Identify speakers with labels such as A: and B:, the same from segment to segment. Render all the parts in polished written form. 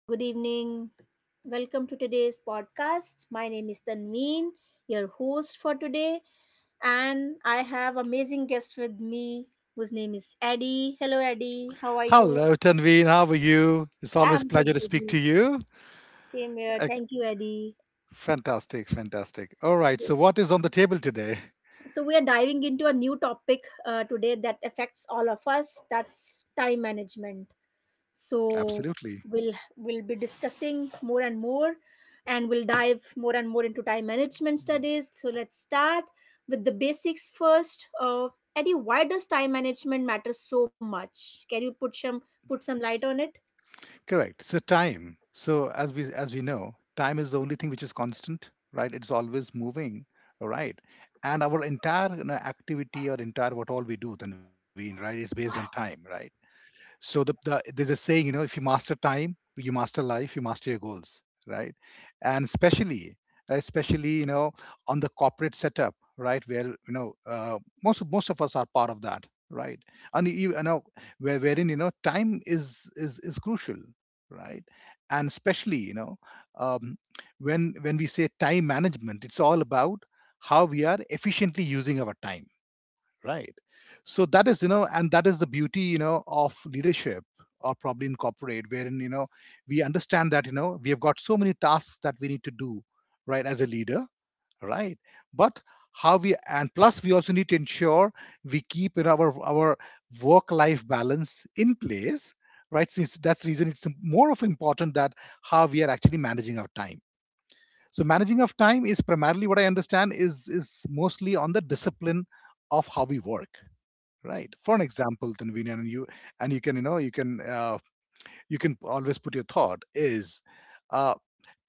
A: Good evening. Welcome to today's podcast. My name is Tanveen, your host for today, and I have amazing guest with me whose name is Eddie. Hello, Eddie. How are you?
B: Hello, Tanveen. How are you? It's always a
A: I'm
B: pleasure
A: good,
B: to speak to
A: Eddie.
B: you.
A: Same here.
B: Ec-
A: Thank you, Eddie.
B: Fantastic, fantastic. All right.
A: So,
B: So, what is on the table today?
A: so we are diving into a new topic today that affects all of us. That's time management. so
B: Absolutely.
A: we'll we'll be discussing more and more, and we'll dive more and more into time management
B: Mm.
A: studies. So let's start with the basics first. Eddie, why does time management matter so much? Can you put some light on it?
B: Correct. So, time. So, as we know, time is the only thing which is constant, right? It's always moving. All right. And our entire activity, or entire what all we do, Tanveen, right, is based on time, right? So there's a saying, if you master time, you master life, you master your goals, right? And especially, right, especially on the corporate setup, right, where most of us are part of that, right? And wherein time is crucial, right? And especially um, when we say time management, it's all about how we are efficiently using our time, right? So that is, and that is the beauty, of leadership, or probably in corporate, wherein we understand that we have got so many tasks that we need to do, right, as a leader, right. But how we, and plus we also need to ensure we keep in our work life balance in place, right. Since that's the reason, it's more of important that how we are actually managing our time. So managing of time is primarily, what I understand, is mostly on the discipline of how we work, right. For an example, Tanveen, and you, and you can, you can, you can always put your thought is, uh,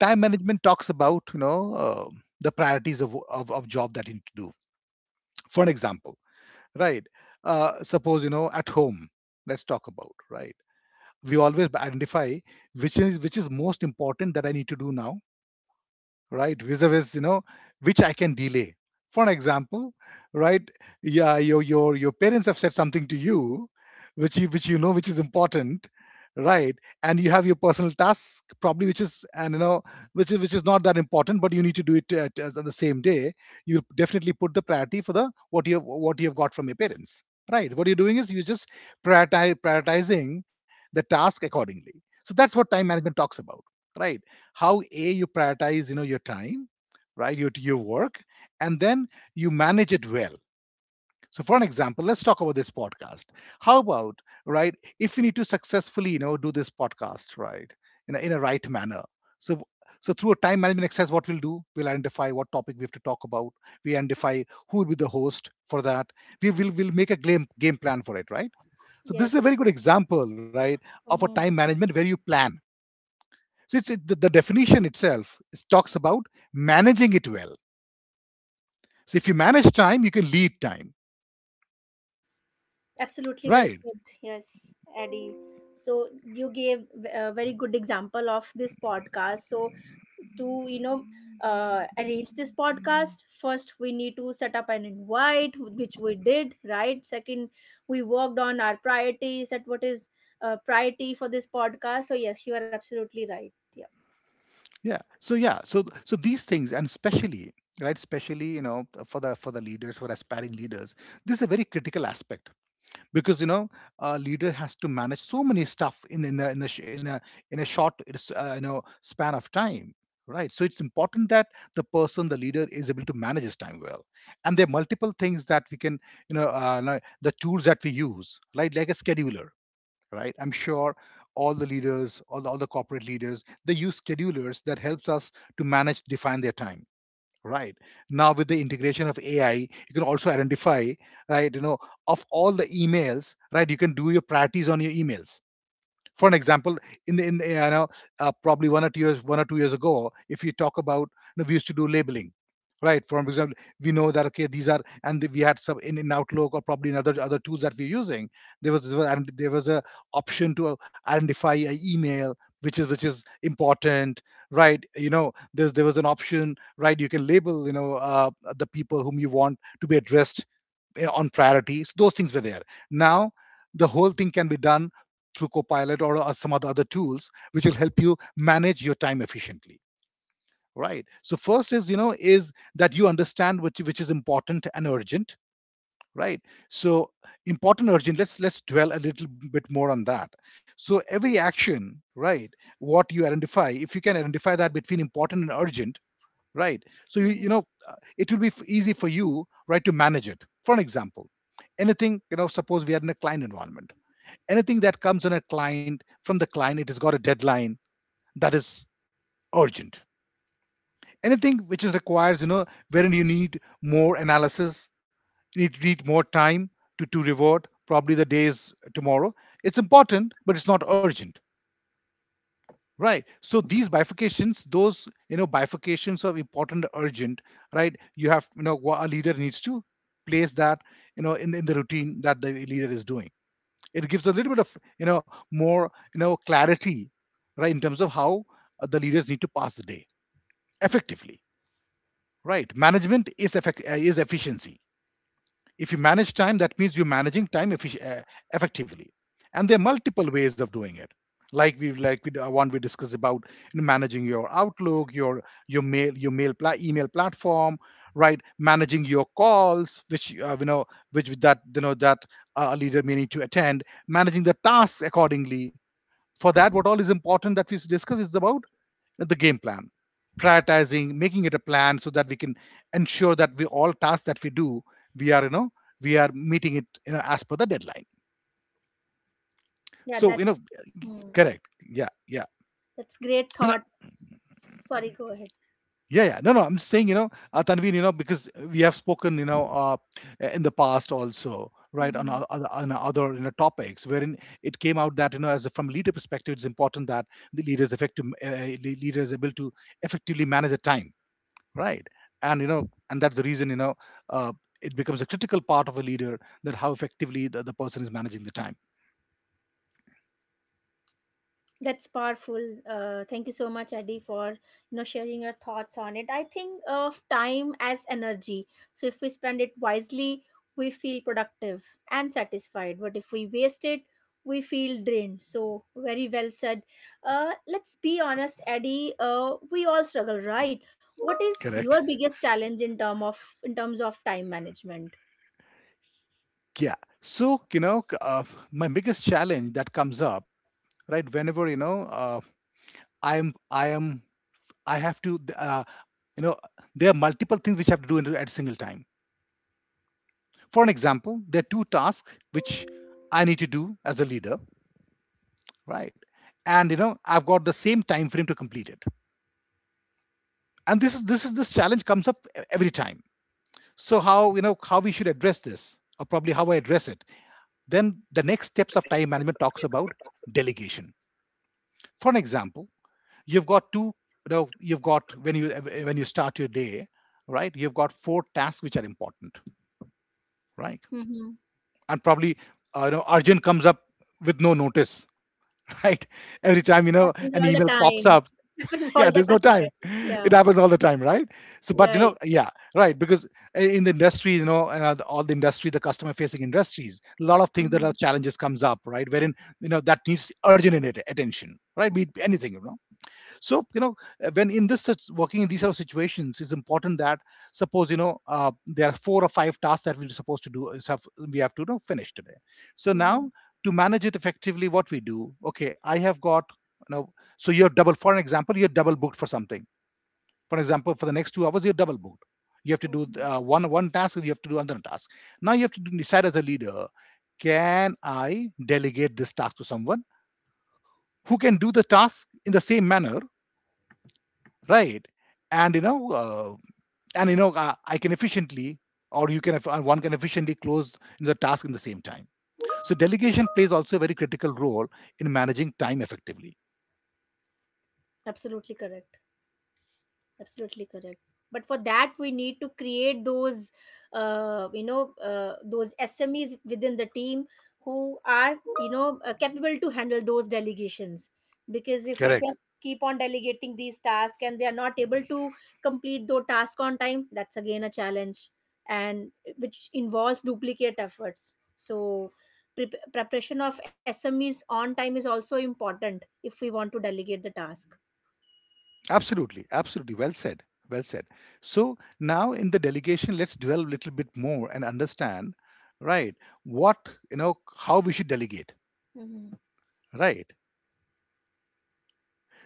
B: time management talks about, the priorities of job that you need to do, for an example, right. Suppose, at home, let's talk about, right? We always identify which is most important, that I need to do now, right. Vis-a-vis, which I can delay, for an example, right. Yeah, your parents have said something to you, which you, which you know which is important, right. And you have your personal task, probably, which is, and which is, not that important, but you need to do it at the same day. You definitely put the priority for the what you have got from your parents, right. What you're doing is you're just prioritizing the task accordingly. So that's what time management talks about, right. How a you prioritize your time, right. Your work. And then you manage it well. So for an example, let's talk about this podcast. How about, right, if you need to successfully, do this podcast, right, in a right manner. So so through a time management exercise, what we'll do, we'll identify what topic we have to talk about. We identify who will be the host for that. We will make a game plan for it, right. So this is a
A: Yes.
B: very good example, right, of a time
A: Mhm.
B: management, where you plan. So it's it, the definition itself is, talks about managing it well. So if you manage time, you can lead time,
A: Absolutely well
B: right.
A: said. Yes, Eddie. So you gave a very good example of this podcast. So to arrange this podcast, first we need to set up an invite, which we did, right? Second, we worked on our priorities at what is priority for this podcast. So yes, you are absolutely right. Yeah.
B: Yeah. So yeah. So these things, and especially, right, especially, for the, leaders, for aspiring leaders, this is a very critical aspect, because a leader has to manage so many stuff, in a sh- in a short, it's, span of time, right. So it's important that the leader is able to manage his time well. And there are multiple things that we can, like the tools that we use, right, like a scheduler, right. I'm sure all the leaders, all the corporate leaders, they use schedulers that helps us to manage, define their time, right. Now with the integration of AI, you can also identify, right, of all the emails, right. You can do your priorities on your emails, for an example, in probably 1 or 2 years ago, if you talk about, we used to do labeling, right. For example, we know that okay these are, and we had some in Outlook, or probably in other tools that we're using. There was a option to identify an email which is important, right. You know there was an option, right. You can label, the people whom you want to be addressed, on priorities. Those things were there. Now, the whole thing can be done through Copilot, or some other tools, which will help you manage your time efficiently. Right. So first is, that you understand which is important and urgent. Right. So important urgent. Let's dwell a little bit more on that. So every action, right, what you identify, if you can identify that between important and urgent, right, so you
A: Hmm.
B: know it will be easy for you, right, to manage it. For an example, anything suppose we are in a client environment. Anything that comes on a client from the client, it has got a deadline, that is urgent. Anything which is requires, wherein you need more analysis, you need more time to revert, probably the days tomorrow, it's important but it's not urgent. Right. So these bifurcations, those bifurcations of important, urgent, right. You have a leader needs to place that, in the routine that the leader is doing. It gives a little bit of more, clarity, right, in terms of how, the leaders need to pass the day effectively. Right. Management is effect is efficiency, if you manage time, that means you're managing time effectively. And there are multiple ways of doing it. Like we one, we discussed about, managing your Outlook, email platform, right. Managing your calls, which, which that a leader may need to attend, managing the tasks accordingly. For that, what all is important that we discuss is about the game plan, prioritizing, making it a plan, so that we can ensure that we all tasks that we do, we are, we are meeting it, as per the deadline.
A: Yeah,
B: So
A: that's hmm.
B: correct, yeah, yeah.
A: that's great
B: No, no,
A: thought. Sorry, go ahead.
B: yeah yeah no no, I'm saying, Tanveen, because we have spoken, in the past also, right, on
A: Mm-hmm.
B: other, on other, topics, wherein it came out that, as a, from leader perspective, it's important that the leader is effective, leader is able to effectively manage the time, right. And and that's the reason, uh, it becomes a critical part of a leader, that how effectively the person is managing the time.
A: That's powerful. Thank you so much, Adi, for sharing your thoughts on it. I think of time as energy. So if we spend it wisely, we feel productive and satisfied. But if we waste it, we feel drained. So very well said. Let's be honest, Adi. We all struggle, right? What is
B: Correct,
A: your biggest challenge in terms of time management?
B: yeah. So my biggest challenge that comes up, right, whenever, I am, I have to you know there are multiple things which I have to do at a single time. For an example, there are 2 tasks which I need to do as a leader, right. And I've got the same time frame to complete it. And this is this challenge comes up every time. So how how we should address this, or probably how I address it. Then the next steps of time management talks about delegation, for an example. You've got two, you've got, when you, start your day, right, you've got 4 tasks which are important, right.
A: Hmm.
B: And probably, urgent comes up with no notice. Right. Every time,
A: It
B: an
A: happens all
B: email
A: the
B: pops up.
A: time. It happens
B: Yeah,
A: all the
B: there's no
A: time.
B: time,
A: Adi. Yeah.
B: it happens all the time, right. So but
A: Right.
B: yeah. Right. Because, in the industry, all the industry, the customer facing industries, a lot of things that
A: Mm-hmm.
B: are challenges comes up, right, wherein, that needs urgent attention, right, be it anything, so when in this, such working in these sort of situations, it's important that, suppose, there are 4 or 5 tasks that we're supposed to do is have, we have to, finish today. So now, to manage it effectively, what we do, okay, I have got, you know so you're double, for an example, you're double booked for something. For example, for the next 2 hours, you're double booked. You have to do
A: Mhm.
B: one task, and you have to do another task. Now you have to decide as a leader, can I delegate this task to someone who can do the task in the same manner, right? and you know uh, and you know, I can efficiently, or you can one can efficiently close the task in the same time. So delegation plays also a very critical role in managing time effectively.
A: Absolutely correct. Absolutely correct. But for that, we need to create those, those SMEs within the team who are, capable to handle those delegations. Because if we
B: Correct.
A: just keep on delegating these tasks and they are not able to complete those tasks on time, that's again a challenge, and which involves duplicate efforts. So, preparation of SMEs on time is also important if we want to delegate the task.
B: Absolutely, absolutely, well said. Well said. So now in the delegation let's dwell a little bit more and understand, right, what, you know, how we should delegate,
A: Mhm.
B: right? So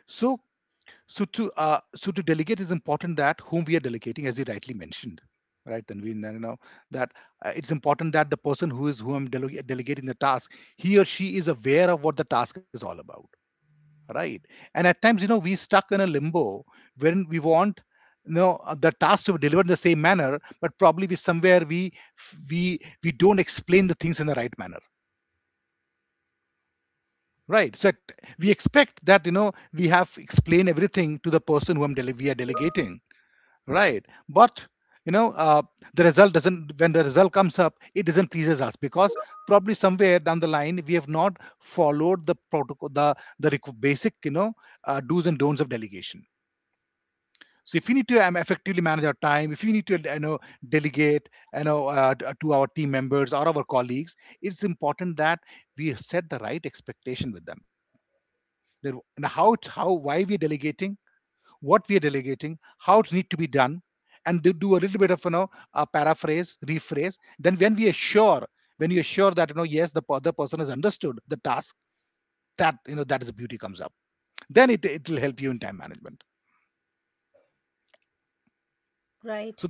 B: so to so to delegate, is important that whom we are delegating, as you rightly mentioned, right? Then we know that it's important that the person who is who I'm delegating the task, he or she is aware of what the task is all about, right? And at times, you know, we stuck in a limbo when we want, the task to be delivered in the same manner, but probably we somewhere we don't explain the things in the right manner. Right, so we expect that, you know, we have explained everything to the person whom we are delegating, right, but you know uh, the result doesn't, when the result comes up it doesn't pleases us, because probably somewhere down the line we have not followed the protocol, the basic, you know, do's and don'ts of delegation. So if we need to effectively manage our time, if we need to, you know, delegate, to our team members or our colleagues, it's important that we set the right expectation with them. And how how why we're delegating, what we are delegating, how it need to be done, and they do a little bit of, you know, a paraphrase, rephrase. Then when we are sure, when you are sure that, you know, yes, the other person has understood the task, that, you know, that is the beauty comes up. Then it will help you in time management. So
A: Right.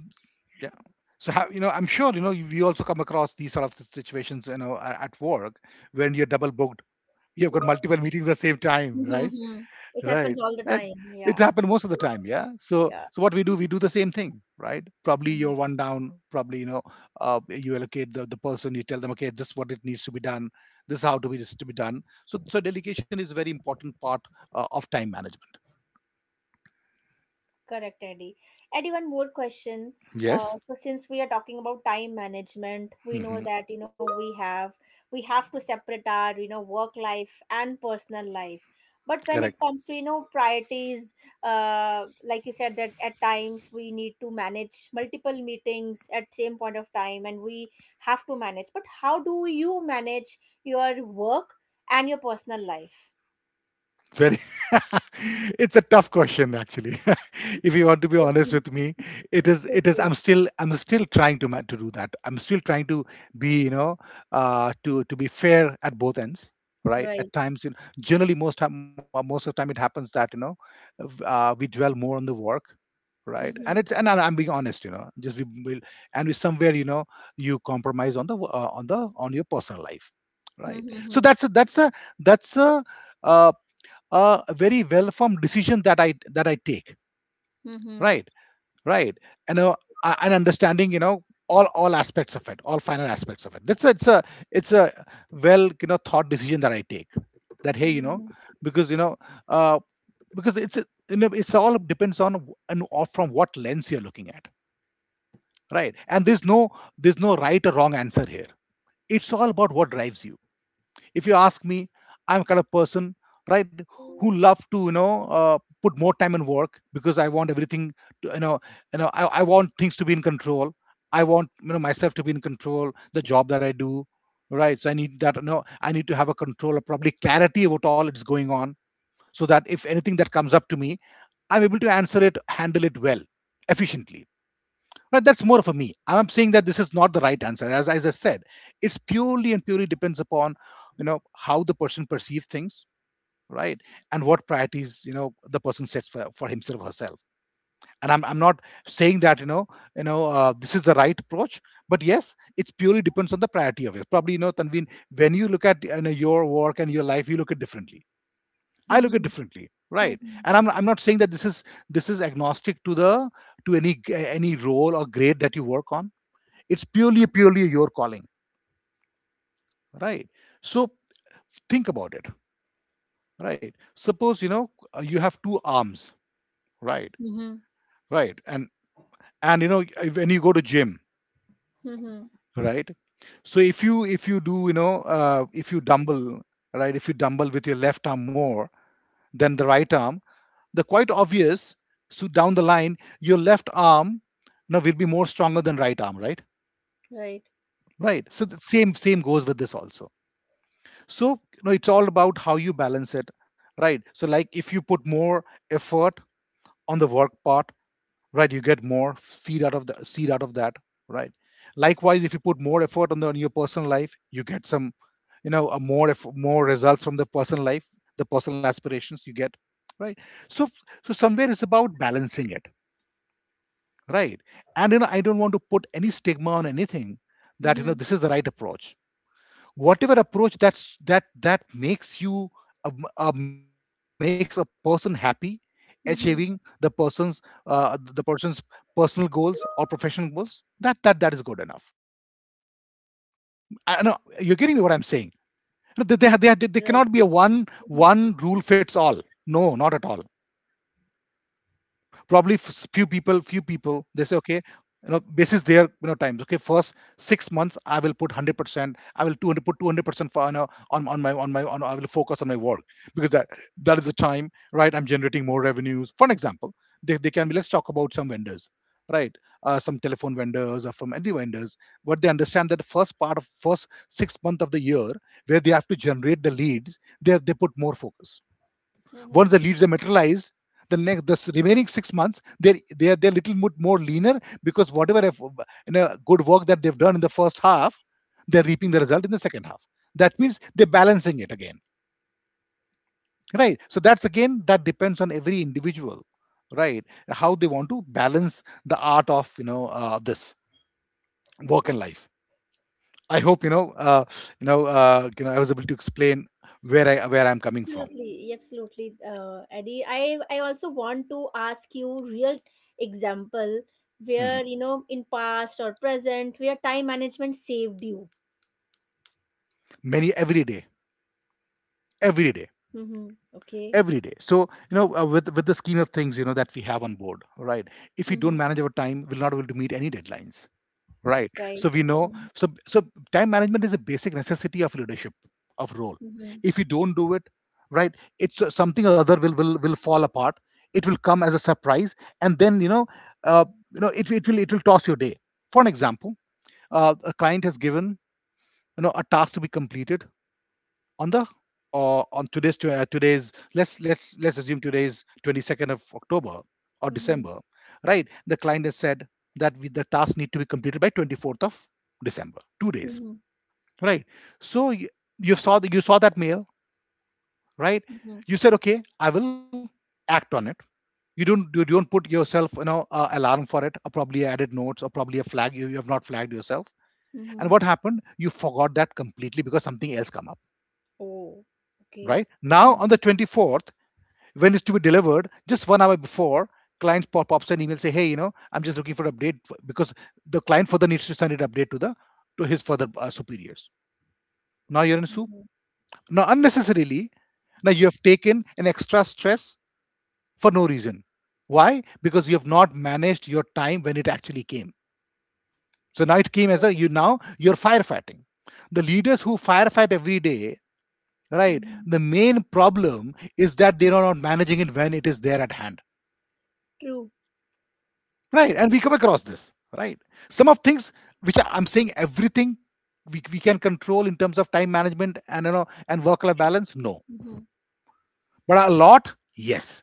B: yeah. So you know, I'm sure you know you also come across these sort of situations, you know, at work, when you're double booked. You've got multiple meetings at the same time, right?
A: Mhm. It happens
B: Right.
A: all the
B: And
A: time.
B: it's
A: Yeah.
B: happened most of the time, yeah. So
A: Yeah.
B: so what we do the same thing, right? Probably
A: Mhm.
B: you're one down, probably, you know, you allocate the person, you tell them, okay, this is what it needs to be done, this is how to be this to be done. So so delegation is a very important part of time management.
A: Correct, Eddie. Eddie, one more question.
B: Yes.
A: So since we are talking about time management, we know
B: Hmm.
A: that we have to separate our work life and personal life. But
B: Correct.
A: when it comes to priorities, like you said that at times we need to manage multiple meetings at same point of time, and we have to manage. But how do you manage your work and your personal life?
B: Very. It's a tough question, actually. If you want to be
A: It
B: honest
A: is.
B: with me, it is.
A: It
B: It is. I'm
A: is.
B: still, I'm still trying to to do that. I'm still trying to be. You know, to be fair at both ends. Right. At
A: Right.
B: times, you know, generally most time, most of the time, it happens that, you know, we dwell more on the work. Right. And it's, and I'm being honest. You know, just we will, and we somewhere, you know, you compromise on the on the on your personal life. Right.
A: Mhm,
B: So
A: mhm,
B: that's a, that's a, that's uh, a very well-formed decision that I, that I take.
A: mhm,
B: Right, right, and and understanding, you know, all aspects of it, all final aspects of it. That's a, it's a, it's a well, you know, thought decision that I take. That hey, you know,
A: mhm,
B: because you know, uh, because you know, it's all depends on and or from what lens you're looking at, right? And there's no, there's no right or wrong answer here. It's all about what drives you. If you ask me, I'm kind of person, right, who love to, you know, put more time in work, because I want everything to, you know, I want things to be in control. I want, you know, myself to be in control. The job that I do, right? So I need that. You know, I need to have a control, or probably clarity about all it's going on, so that if anything that comes up to me, I'm able to answer it, handle it well, efficiently. Right, that's more for me. I'm saying that this is not the right answer. As I said, it's purely and purely depends upon, you know, how the person perceives things, right? And what priorities, you know, the person sets for himself or herself. And I'm not saying that, you know, this is the right approach. But yes, it's purely depends on the priority of it. Probably, you know, Tanveen, when you look at, you know, your work and your life, you look at differently. I look at
A: mhm,
B: differently, right? And I'm not saying that this is, this is agnostic to the, to any role or grade that you work on. It's purely, purely your calling, right? So think about it, right. Suppose, you know, you have two arms, right,
A: mhm,
B: right. And you know if, when you go to gym,
A: mhm.
B: right. So if you do, you know, if you dumble, right, if you dumble with your left arm more than the right arm, the quite obvious. So down the line your left arm, you know, will be more stronger than right arm, right.
A: Right.
B: Right. So the same goes with this also. So you know it's all about how you balance it, right. So like if you put more effort on the work part, right, you get more feed out of the seed out of that, right. Likewise, if you put more effort on the, on your personal life, you get some, you know, a more more results from the personal life, the personal aspirations you get, right. So so somewhere it's about balancing it, right. And you know I don't want to put any stigma on anything that you know
A: Mhm,
B: this is the right approach. Whatever approach that's that that makes you makes a person happy, achieving
A: mhm.
B: the person's personal goals or professional goals, that that that is good enough. I know you're getting me what I'm saying.
A: Right.
B: No, they cannot be a
A: Mhm,
B: one rule fits all, no, not at all. Probably few people, few people, they say, okay, you know basis their, you know, times, okay, first 6 months I will put 100%, I will 200, put 200% for, you know, on my on my on, I will focus on my work, because that, that is the time, right, I'm generating more revenues, for an example. They can be, let's talk about some vendors, right, some telephone vendors or from any vendors. What they understand that the first part of first 6 month of the year, where they have to generate the leads, they put more focus. Once
A: mhm.
B: the leads are materialized, the next the remaining 6 months they're little more leaner, because whatever you know, good work that they've done in the first half, they're reaping the result in the second half. That means they're balancing it again, right? So that's again that depends on every individual, right? How they want to balance the art of, you know, this work and life. I hope you know you know you know I was able to explain where I, where I'm coming from.
A: Absolutely, absolutely, Eddie. I also want to ask you real example
B: Mhm.
A: where in past or present where time management saved you.
B: Many, every day, every day.
A: Mm-hmm. Okay.
B: Every day. So you know with the scheme of things you know that we have on board, right, if we
A: Mm-hmm.
B: don't manage our time we'll not be able to meet any deadlines, right,
A: Right.
B: so we know.
A: Mm-hmm.
B: So so time management is a basic necessity of leadership, of role.
A: Mm-hmm.
B: If you don't do it right, it's something or other will fall apart, it will come as a surprise, and then uh, you know it, it will, it will toss your day. For an example, a client has given, you know, a task to be completed on the on today's today's, let's assume today's 22nd of October, or
A: Mm-hmm.
B: December, right? The client has said that we, the task need to be completed by 24th of December, 2 days, right? So you saw the, you saw that mail, right?
A: Mm-hmm.
B: You said, okay, I will act on it. You don't, you don't put yourself you know alarm for it, or probably added notes, or probably a flag, you have not flagged yourself. And
A: Mm-hmm.
B: what happened? You forgot that completely because something else come up,
A: Oh. Okay.
B: right? Now on
A: Mm-hmm.
B: the 24th, when it's to be delivered just 1 hour before, client pop ups an email say, hey, I'm just looking for an update because the client further needs to send an update to the to his further superiors. Now you're in soup,
A: Mm-hmm.
B: now unnecessarily, now you have taken an extra stress for no reason. Why? Because you have not managed your time when it actually came. So now it came as a, you, now you're firefighting. The leaders who firefight every day, right?
A: Mhm.
B: The main problem is that they are not managing it when it is there at hand.
A: True.
B: Right, and we come across this, right? Some of things which are, I'm saying everything we can control in terms of time management and and work life balance, no.
A: Mhm.
B: But a lot, yes.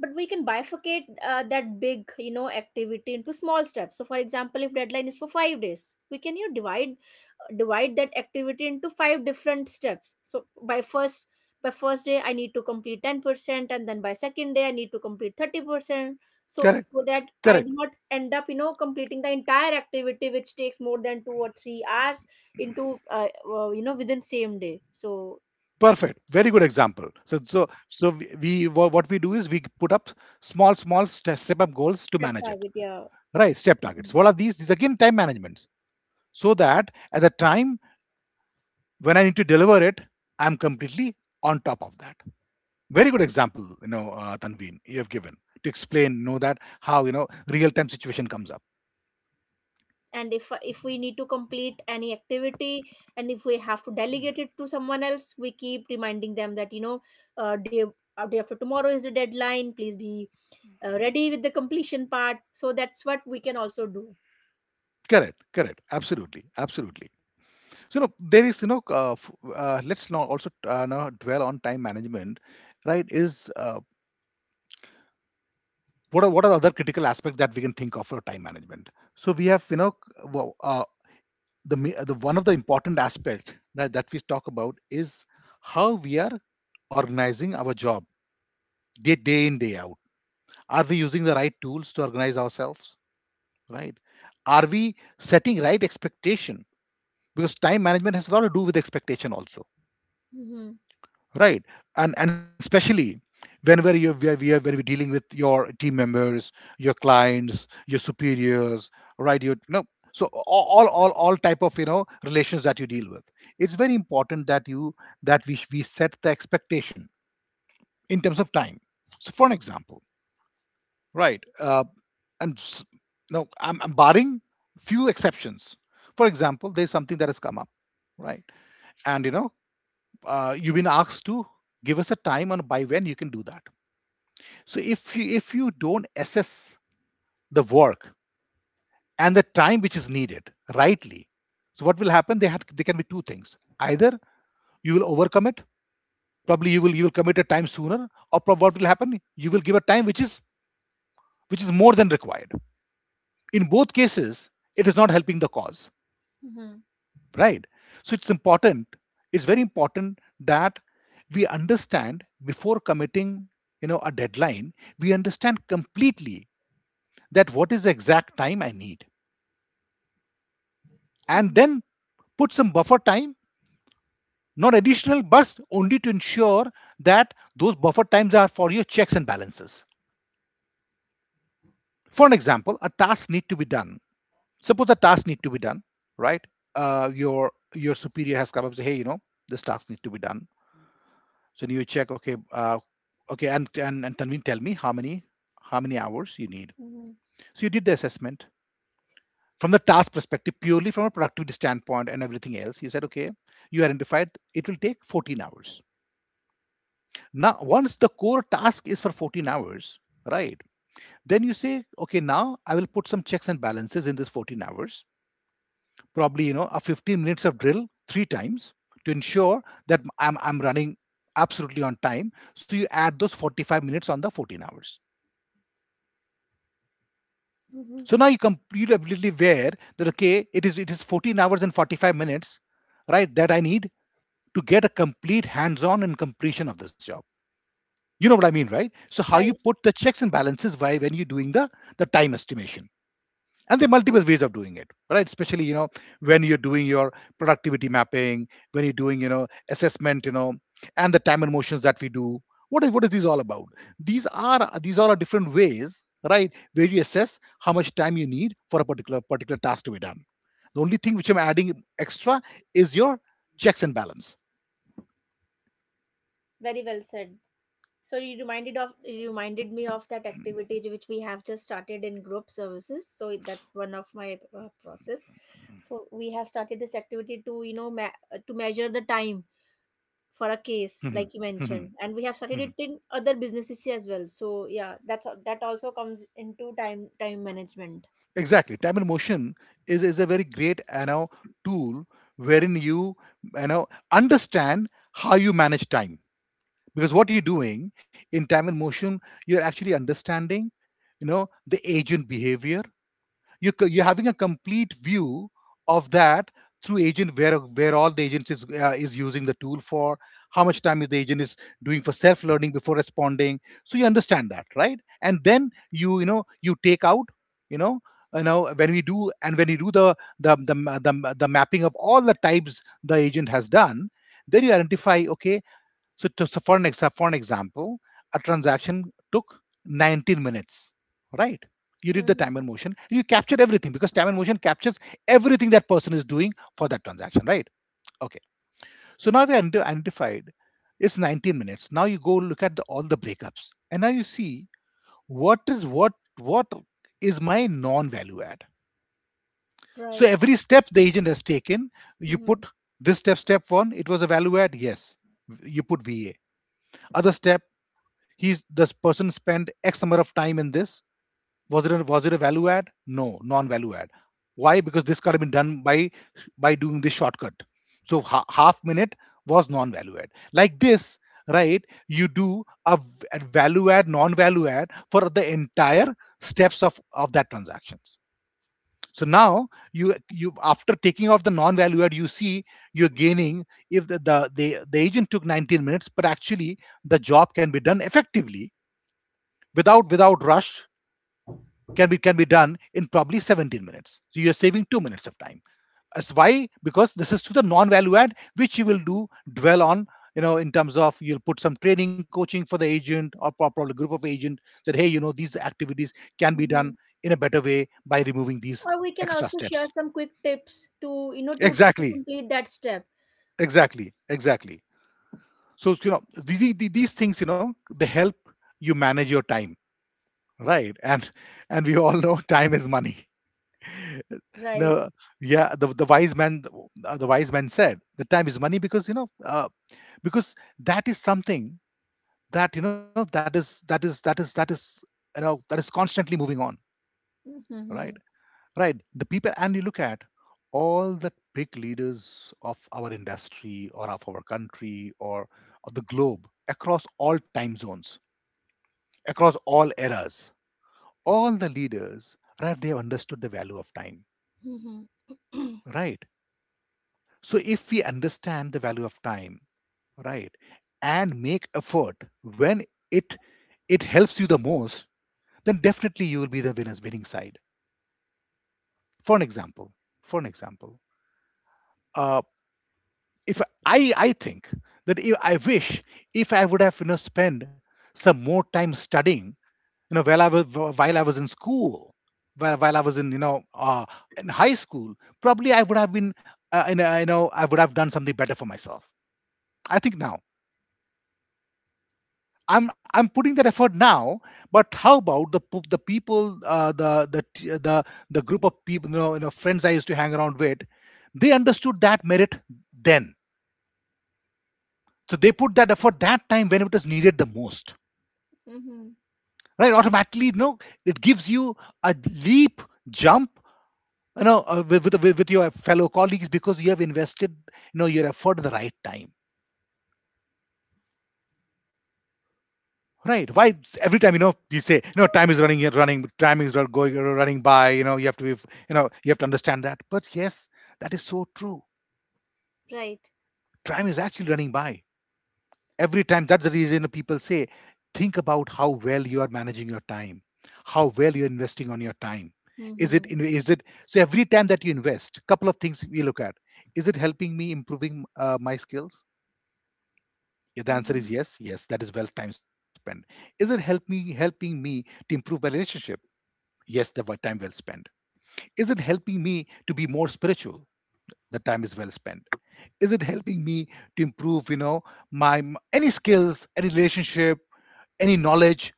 A: But we can bifurcate that big, activity into small steps. So, for example, if deadline is for 5 days, we can divide that activity into five different steps. So, by first day, I need to complete 10%, and then by second day, I need to complete 30%. So,
B: Correct,
A: so that I do
B: correct,
A: not end up, completing the entire activity, which takes more than 2 or 3 hours, into within same day. So,
B: perfect. Very good example. So what we do is we put up step up goals to
A: step
B: manage it.
A: target, yeah.
B: Right, step
A: Mm-hmm.
B: targets. What are these? These again time managements, so that at the time when I need to deliver it, I'm completely on top of that. Very good example, Tanveen, you have given, to explain, know that how, you know, real time situation comes up.
A: And if we need to complete any activity, and if we have to delegate it to someone else, we keep reminding them that, uh, day day after tomorrow is the deadline. Please be ready with the completion part. So that's what we can also do.
B: Correct, correct, absolutely, absolutely. So you know, there is, let's now also now dwell on time management, right? is What are other critical aspects that we can think of for time management? So we have, the, one of the important aspect that we talk about is how we are organizing our job day day in day out. Are we using the right tools to organize ourselves? Right? Are we setting right expectation? Because time management has a lot to do with expectation also,
A: Mm-hmm.
B: right? And especially whenever you we are when we're dealing with your team members, your clients, your superiors, right? You know, so all, all type of, you know, relations that you deal with, it's very important that you that we set the expectation in terms of time. So for an example, right? And s- no, I'm barring few exceptions. For example, there's something that has come up, right? And you know, you've been asked to give us a time on by when you can do that. So if you don't assess the work and the time which is needed rightly, so what will happen? They can be two things. Either you will overcome it, probably you will commit a time sooner, or what will happen? You will give a time which is more than required. In both cases, it is not helping the cause,
A: Mm-hmm.
B: right? So it's important, it's very important that we understand before committing, you know, a deadline, we understand completely that what is the exact time I need, and
A: Mm-hmm.
B: then put some buffer time, not additional, but only to ensure that those buffer times are for your checks and balances. For an example, a task need to be done. Suppose a task need to be done, right? Your superior has come up and say, hey, you know, this task needs to be done. So then you check, okay, okay, and Tanveen, tell me how many hours you need.
A: Mm-hmm.
B: So you did the assessment from the task perspective, purely from a productivity standpoint and everything else. You said, okay, you identified it will take 14 hours. Now, once the core task is for 14 hours, right? Then you say, okay, now I will put some checks and balances in this 14 hours. Probably, you know, a 15 minutes of drill three times to ensure that I'm running absolutely on time. So you add those 45 minutes on the 14 hours. So now you completely aware that okay, it is 14 hours and 45 minutes, right? That I need to get a complete hands-on and completion of this job. You know what I mean, right? So how you
A: Right.
B: put the checks and balances, why when you're doing the time estimation. And there are multiple ways of doing it, right? Especially, you know, when you're doing your productivity mapping, when you're doing, you know, assessment, you know, and the time and motions that we do. What is this all about? These all are different ways, right, where you assess how much time you need for a particular task to be done. The only thing which I'm adding extra is your checks and balance.
A: Very well said. So you reminded me of that activity which we have just started in group services. So that's one of my process. So we have started this activity to you know ma- to measure the time for a case like you mentioned, and we have started it in other businesses as well. So yeah, that also comes into time management.
B: Exactly. Time and motion is a very great, you know, tool wherein you, you know, understand how you manage time. Because what you're doing in time and motion, you're actually understanding, you know, the agent behavior. You're having a complete view of that through agent, where all the agents is using the tool for how much time is the agent is doing for self learning before responding. So you understand that, right? And then you know, you take out, you know, when we do, and when you do the the mapping of all the types the agent has done, then you identify, okay, so for for an example, a transaction took 19 minutes, right? You did the
A: Hmm.
B: time and motion. You captured everything, because time and motion captures everything that person is doing for that transaction, right? Okay. So now we identified it's 19 minutes. Now you go look at the, all the breakups, and now you see what is what what is my non-value add. So
A: Right.
B: every step the agent has taken, you
A: Hmm.
B: put this step one. It was a value add, yes. You put VA. Other step, he's, this person spent x number of time in this. Was it a value add? No, non value add. Why? Because this could have been done by doing this shortcut. So half minute was non value add, like this, right? You do a value add, non value add for the entire steps of that transactions. So now you, after taking off the non value add, you see you're gaining. If the agent took 19 minutes, but actually the job can be done effectively without rush, can be done in probably 17 minutes, so you're saving 2 minutes of time. That's why, because this is to the non value add, which you will do, dwell on, you know, in terms of you'll put some training coaching for the agent or probably group of agent, that hey, you know, these activities can be done
A: Hmm.
B: in a better way by removing these
A: Or we can
B: extra
A: also share
B: steps.
A: some quick tips to you know to
B: Exactly,
A: complete that step.
B: exactly, exactly. So you know, these things, you know, they help you manage your time, right? And we all know time is money.
A: Right.
B: No, yeah, the wise man, the wise man said the time is money, because because that is something that, you know, that is, you know, that is constantly moving on, right?
A: Hmm.
B: Right, the people, and you look at all the big leaders of our industry, or of our country, or of the globe, across all time zones, across all eras, all the leaders, right? They have understood the value of time,
A: Hmm.
B: right? So if we understand the value of time, right, and make effort when it it helps you the most, then definitely you will be the winners winning side. For an example, for an example, uh, if I think that if, I wish, if I would have, you know, spent some more time studying, you know, while I was in school, while I was in, in high school, probably I would have been you know, I would have done something better for myself. I think now I'm putting that effort now, but how about the people, the group of people, you know, friends I used to hang around with, they understood that merit then, so they put that effort that time when it was needed the most,
A: Mm-hmm.
B: right? Automatically, you know, it gives you a leap, jump, you know, with your fellow colleagues because you have invested, you know, your effort at the right time. Right. Why every time, you know, you say, you know, time is running, running, time is going running by. You know, you have to be, you know, you have to understand that. But yes, that is so true.
A: Right.
B: Time is actually running by every time. That's the reason people say, think about how well you are managing your time, how well you're investing on your time. Is it
A: Mm-hmm.
B: is it so every time that you invest, couple of things we look at. Is it helping me improving my skills? If the answer
A: Mm-hmm.
B: is yes, yes, that is well time spent. Is it helping me to improve my relationship? Yes, the time well spent. Is it helping me to be more spiritual? The time is well spent. Is it helping me to improve, you know, my any skills, any relationship, any knowledge?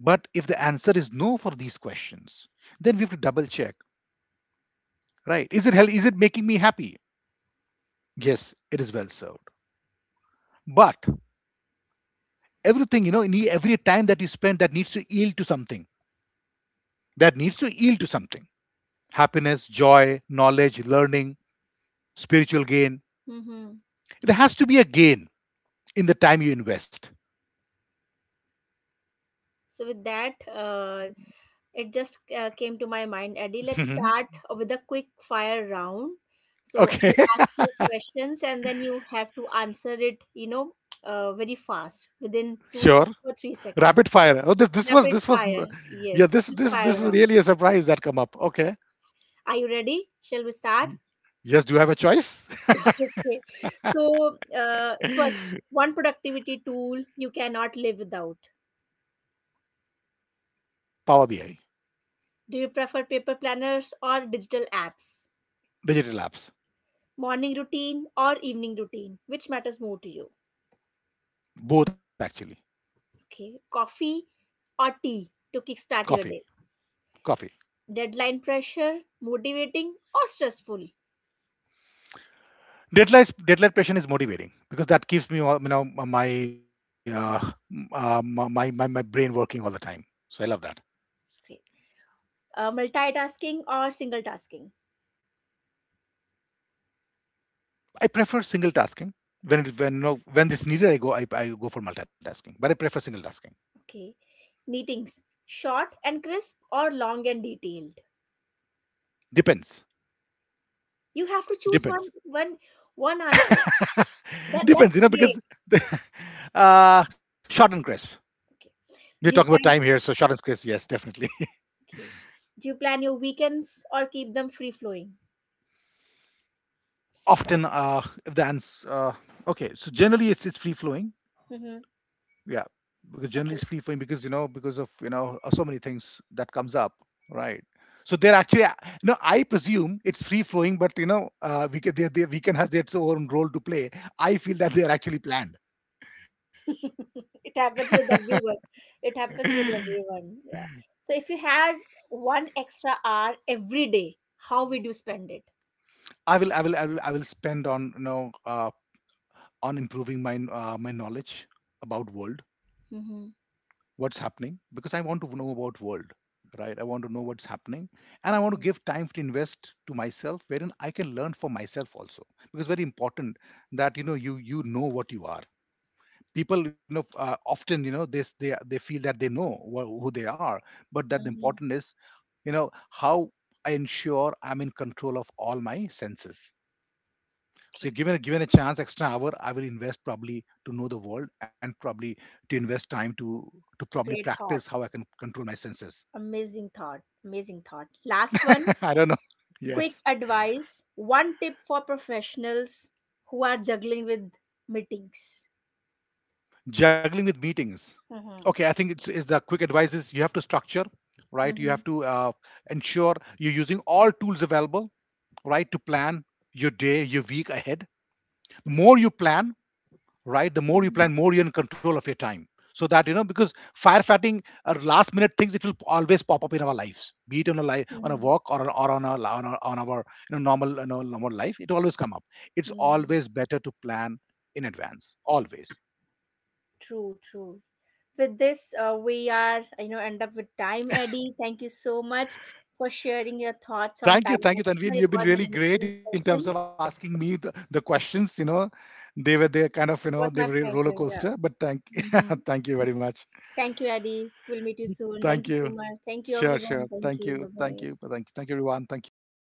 B: But if the answer is no for these questions, then we have to double check, right? Is it is it making me happy? Yes, it is well served. But everything, you know, in every time that you spend that needs to yield to something. That needs to yield to something. Happiness, joy, knowledge, learning, spiritual gain.
A: Mm-hmm.
B: It has to be a gain in the time you invest.
A: So with that, it just came to my mind, Eddie. Let's
B: Mhm.
A: start with a quick fire round. So
B: Okay,
A: I'll ask you questions, and then you have to answer it. Very fast within
B: sure.
A: two or three
B: Rapid
A: seconds.
B: fire. Oh,
A: Rapid fire.
B: yeah.
A: Yes,
B: This
A: quick
B: this
A: fire
B: this is
A: round.
B: really a surprise that come up. Okay.
A: Are you ready? Shall we start?
B: Y- Yes. Do you have a choice?
A: Okay. So first, one productivity tool you cannot live without.
B: Power BI,
A: Do you prefer paper planners or digital apps?
B: digital apps,
A: Morning routine or evening routine? Which matters more to you?
B: both actually.
A: Okay. Coffee or tea to kickstart
B: Coffee,
A: your day?
B: coffee.
A: Deadline pressure, motivating or stressful?
B: Deadline patient is motivating because that keeps me you know my
A: Mhm.
B: my, brain working all the time. So I love that.
A: Great. Multitasking or single tasking?
B: I prefer single tasking. When you know, when it's needed, I go for multitasking. But I prefer single tasking.
A: Okay. Meetings short and crisp or long and detailed?
B: Depends.
A: You have to choose
B: Depends.
A: one one answer. That's
B: Depends, you
A: the
B: know,
A: game.
B: because short and crisp.
A: Okay.
B: We're talking about
A: Do you
B: time here,
A: plan?
B: so short and crisp, yes, definitely.
A: Okay. Do you plan your weekends or keep them free flowing?
B: Often, if the answer, okay, so generally it's free flowing,
A: Mhm.
B: yeah, because generally it's free
A: Okay.
B: flowing because you know because of you know so many things that comes up, right? So they're actually, no, I presume it's free flowing, but you know, we can, weekend has its own role to play. I feel that they are actually planned.
A: It happens with everyone. It happens with everyone. Yeah. So if you had one extra hour every day, how would you spend it?
B: I will spend on you know on improving my my knowledge about world
A: Mm-hmm.
B: what's happening because I want to know about world, right? I want to know what's happening, and I want
A: Mm-hmm.
B: to give time to invest to myself wherein I can learn for myself also because very important that you know you know what you are. People, you know, often you know they feel that they know who they are, but that the
A: Mm-hmm.
B: important is you know how I ensure I'm in control of all my senses. So
A: Okay.
B: given a chance, extra hour, I will invest probably to know the world and probably to invest time to probably
A: Great
B: practice
A: thought.
B: how I can control my senses.
A: Amazing thought. Amazing thought. Last one.
B: I don't know.
A: Quick
B: Yes,
A: advice. One tip for professionals who are juggling with meetings.
B: juggling with meetings.
A: Mm-hmm.
B: Okay, I think it's the quick advice is you have to structure, right? You
A: Mm-hmm.
B: have to ensure you're using all tools available, right, to plan your day, your week ahead. The more you plan, right? The more you
A: Mm-hmm.
B: plan, more you're in control of your time. So that you know, because firefighting are last minute things, it will always pop up in our lives, be it on a life, on a walk or on, on our you know, normal life, it always come up. It's
A: Mm-hmm.
B: always better to plan in advance, always.
A: True, true. With this we are end up with time, Eddie. Thank you so much for sharing your thoughts on time
B: Thank you, Tanveen.
A: management. It
B: You've been
A: was an
B: really great
A: amazing
B: in terms of
A: session.
B: asking me the questions. You know, they kind of you know
A: It
B: they
A: was
B: were
A: my
B: a roller
A: pleasure.
B: coaster,
A: Yeah.
B: but thank
A: Hmm.
B: thank you very much.
A: Thank you, Eddie. We'll meet you soon. Thank
B: Thank
A: you so
B: you.
A: much. Thank you,
B: Sure,
A: everyone.
B: sure.
A: Thank
B: Thank
A: you.
B: you,
A: Bye
B: thank
A: bye.
B: you, thank you, everyone. Thank you. Bye bye.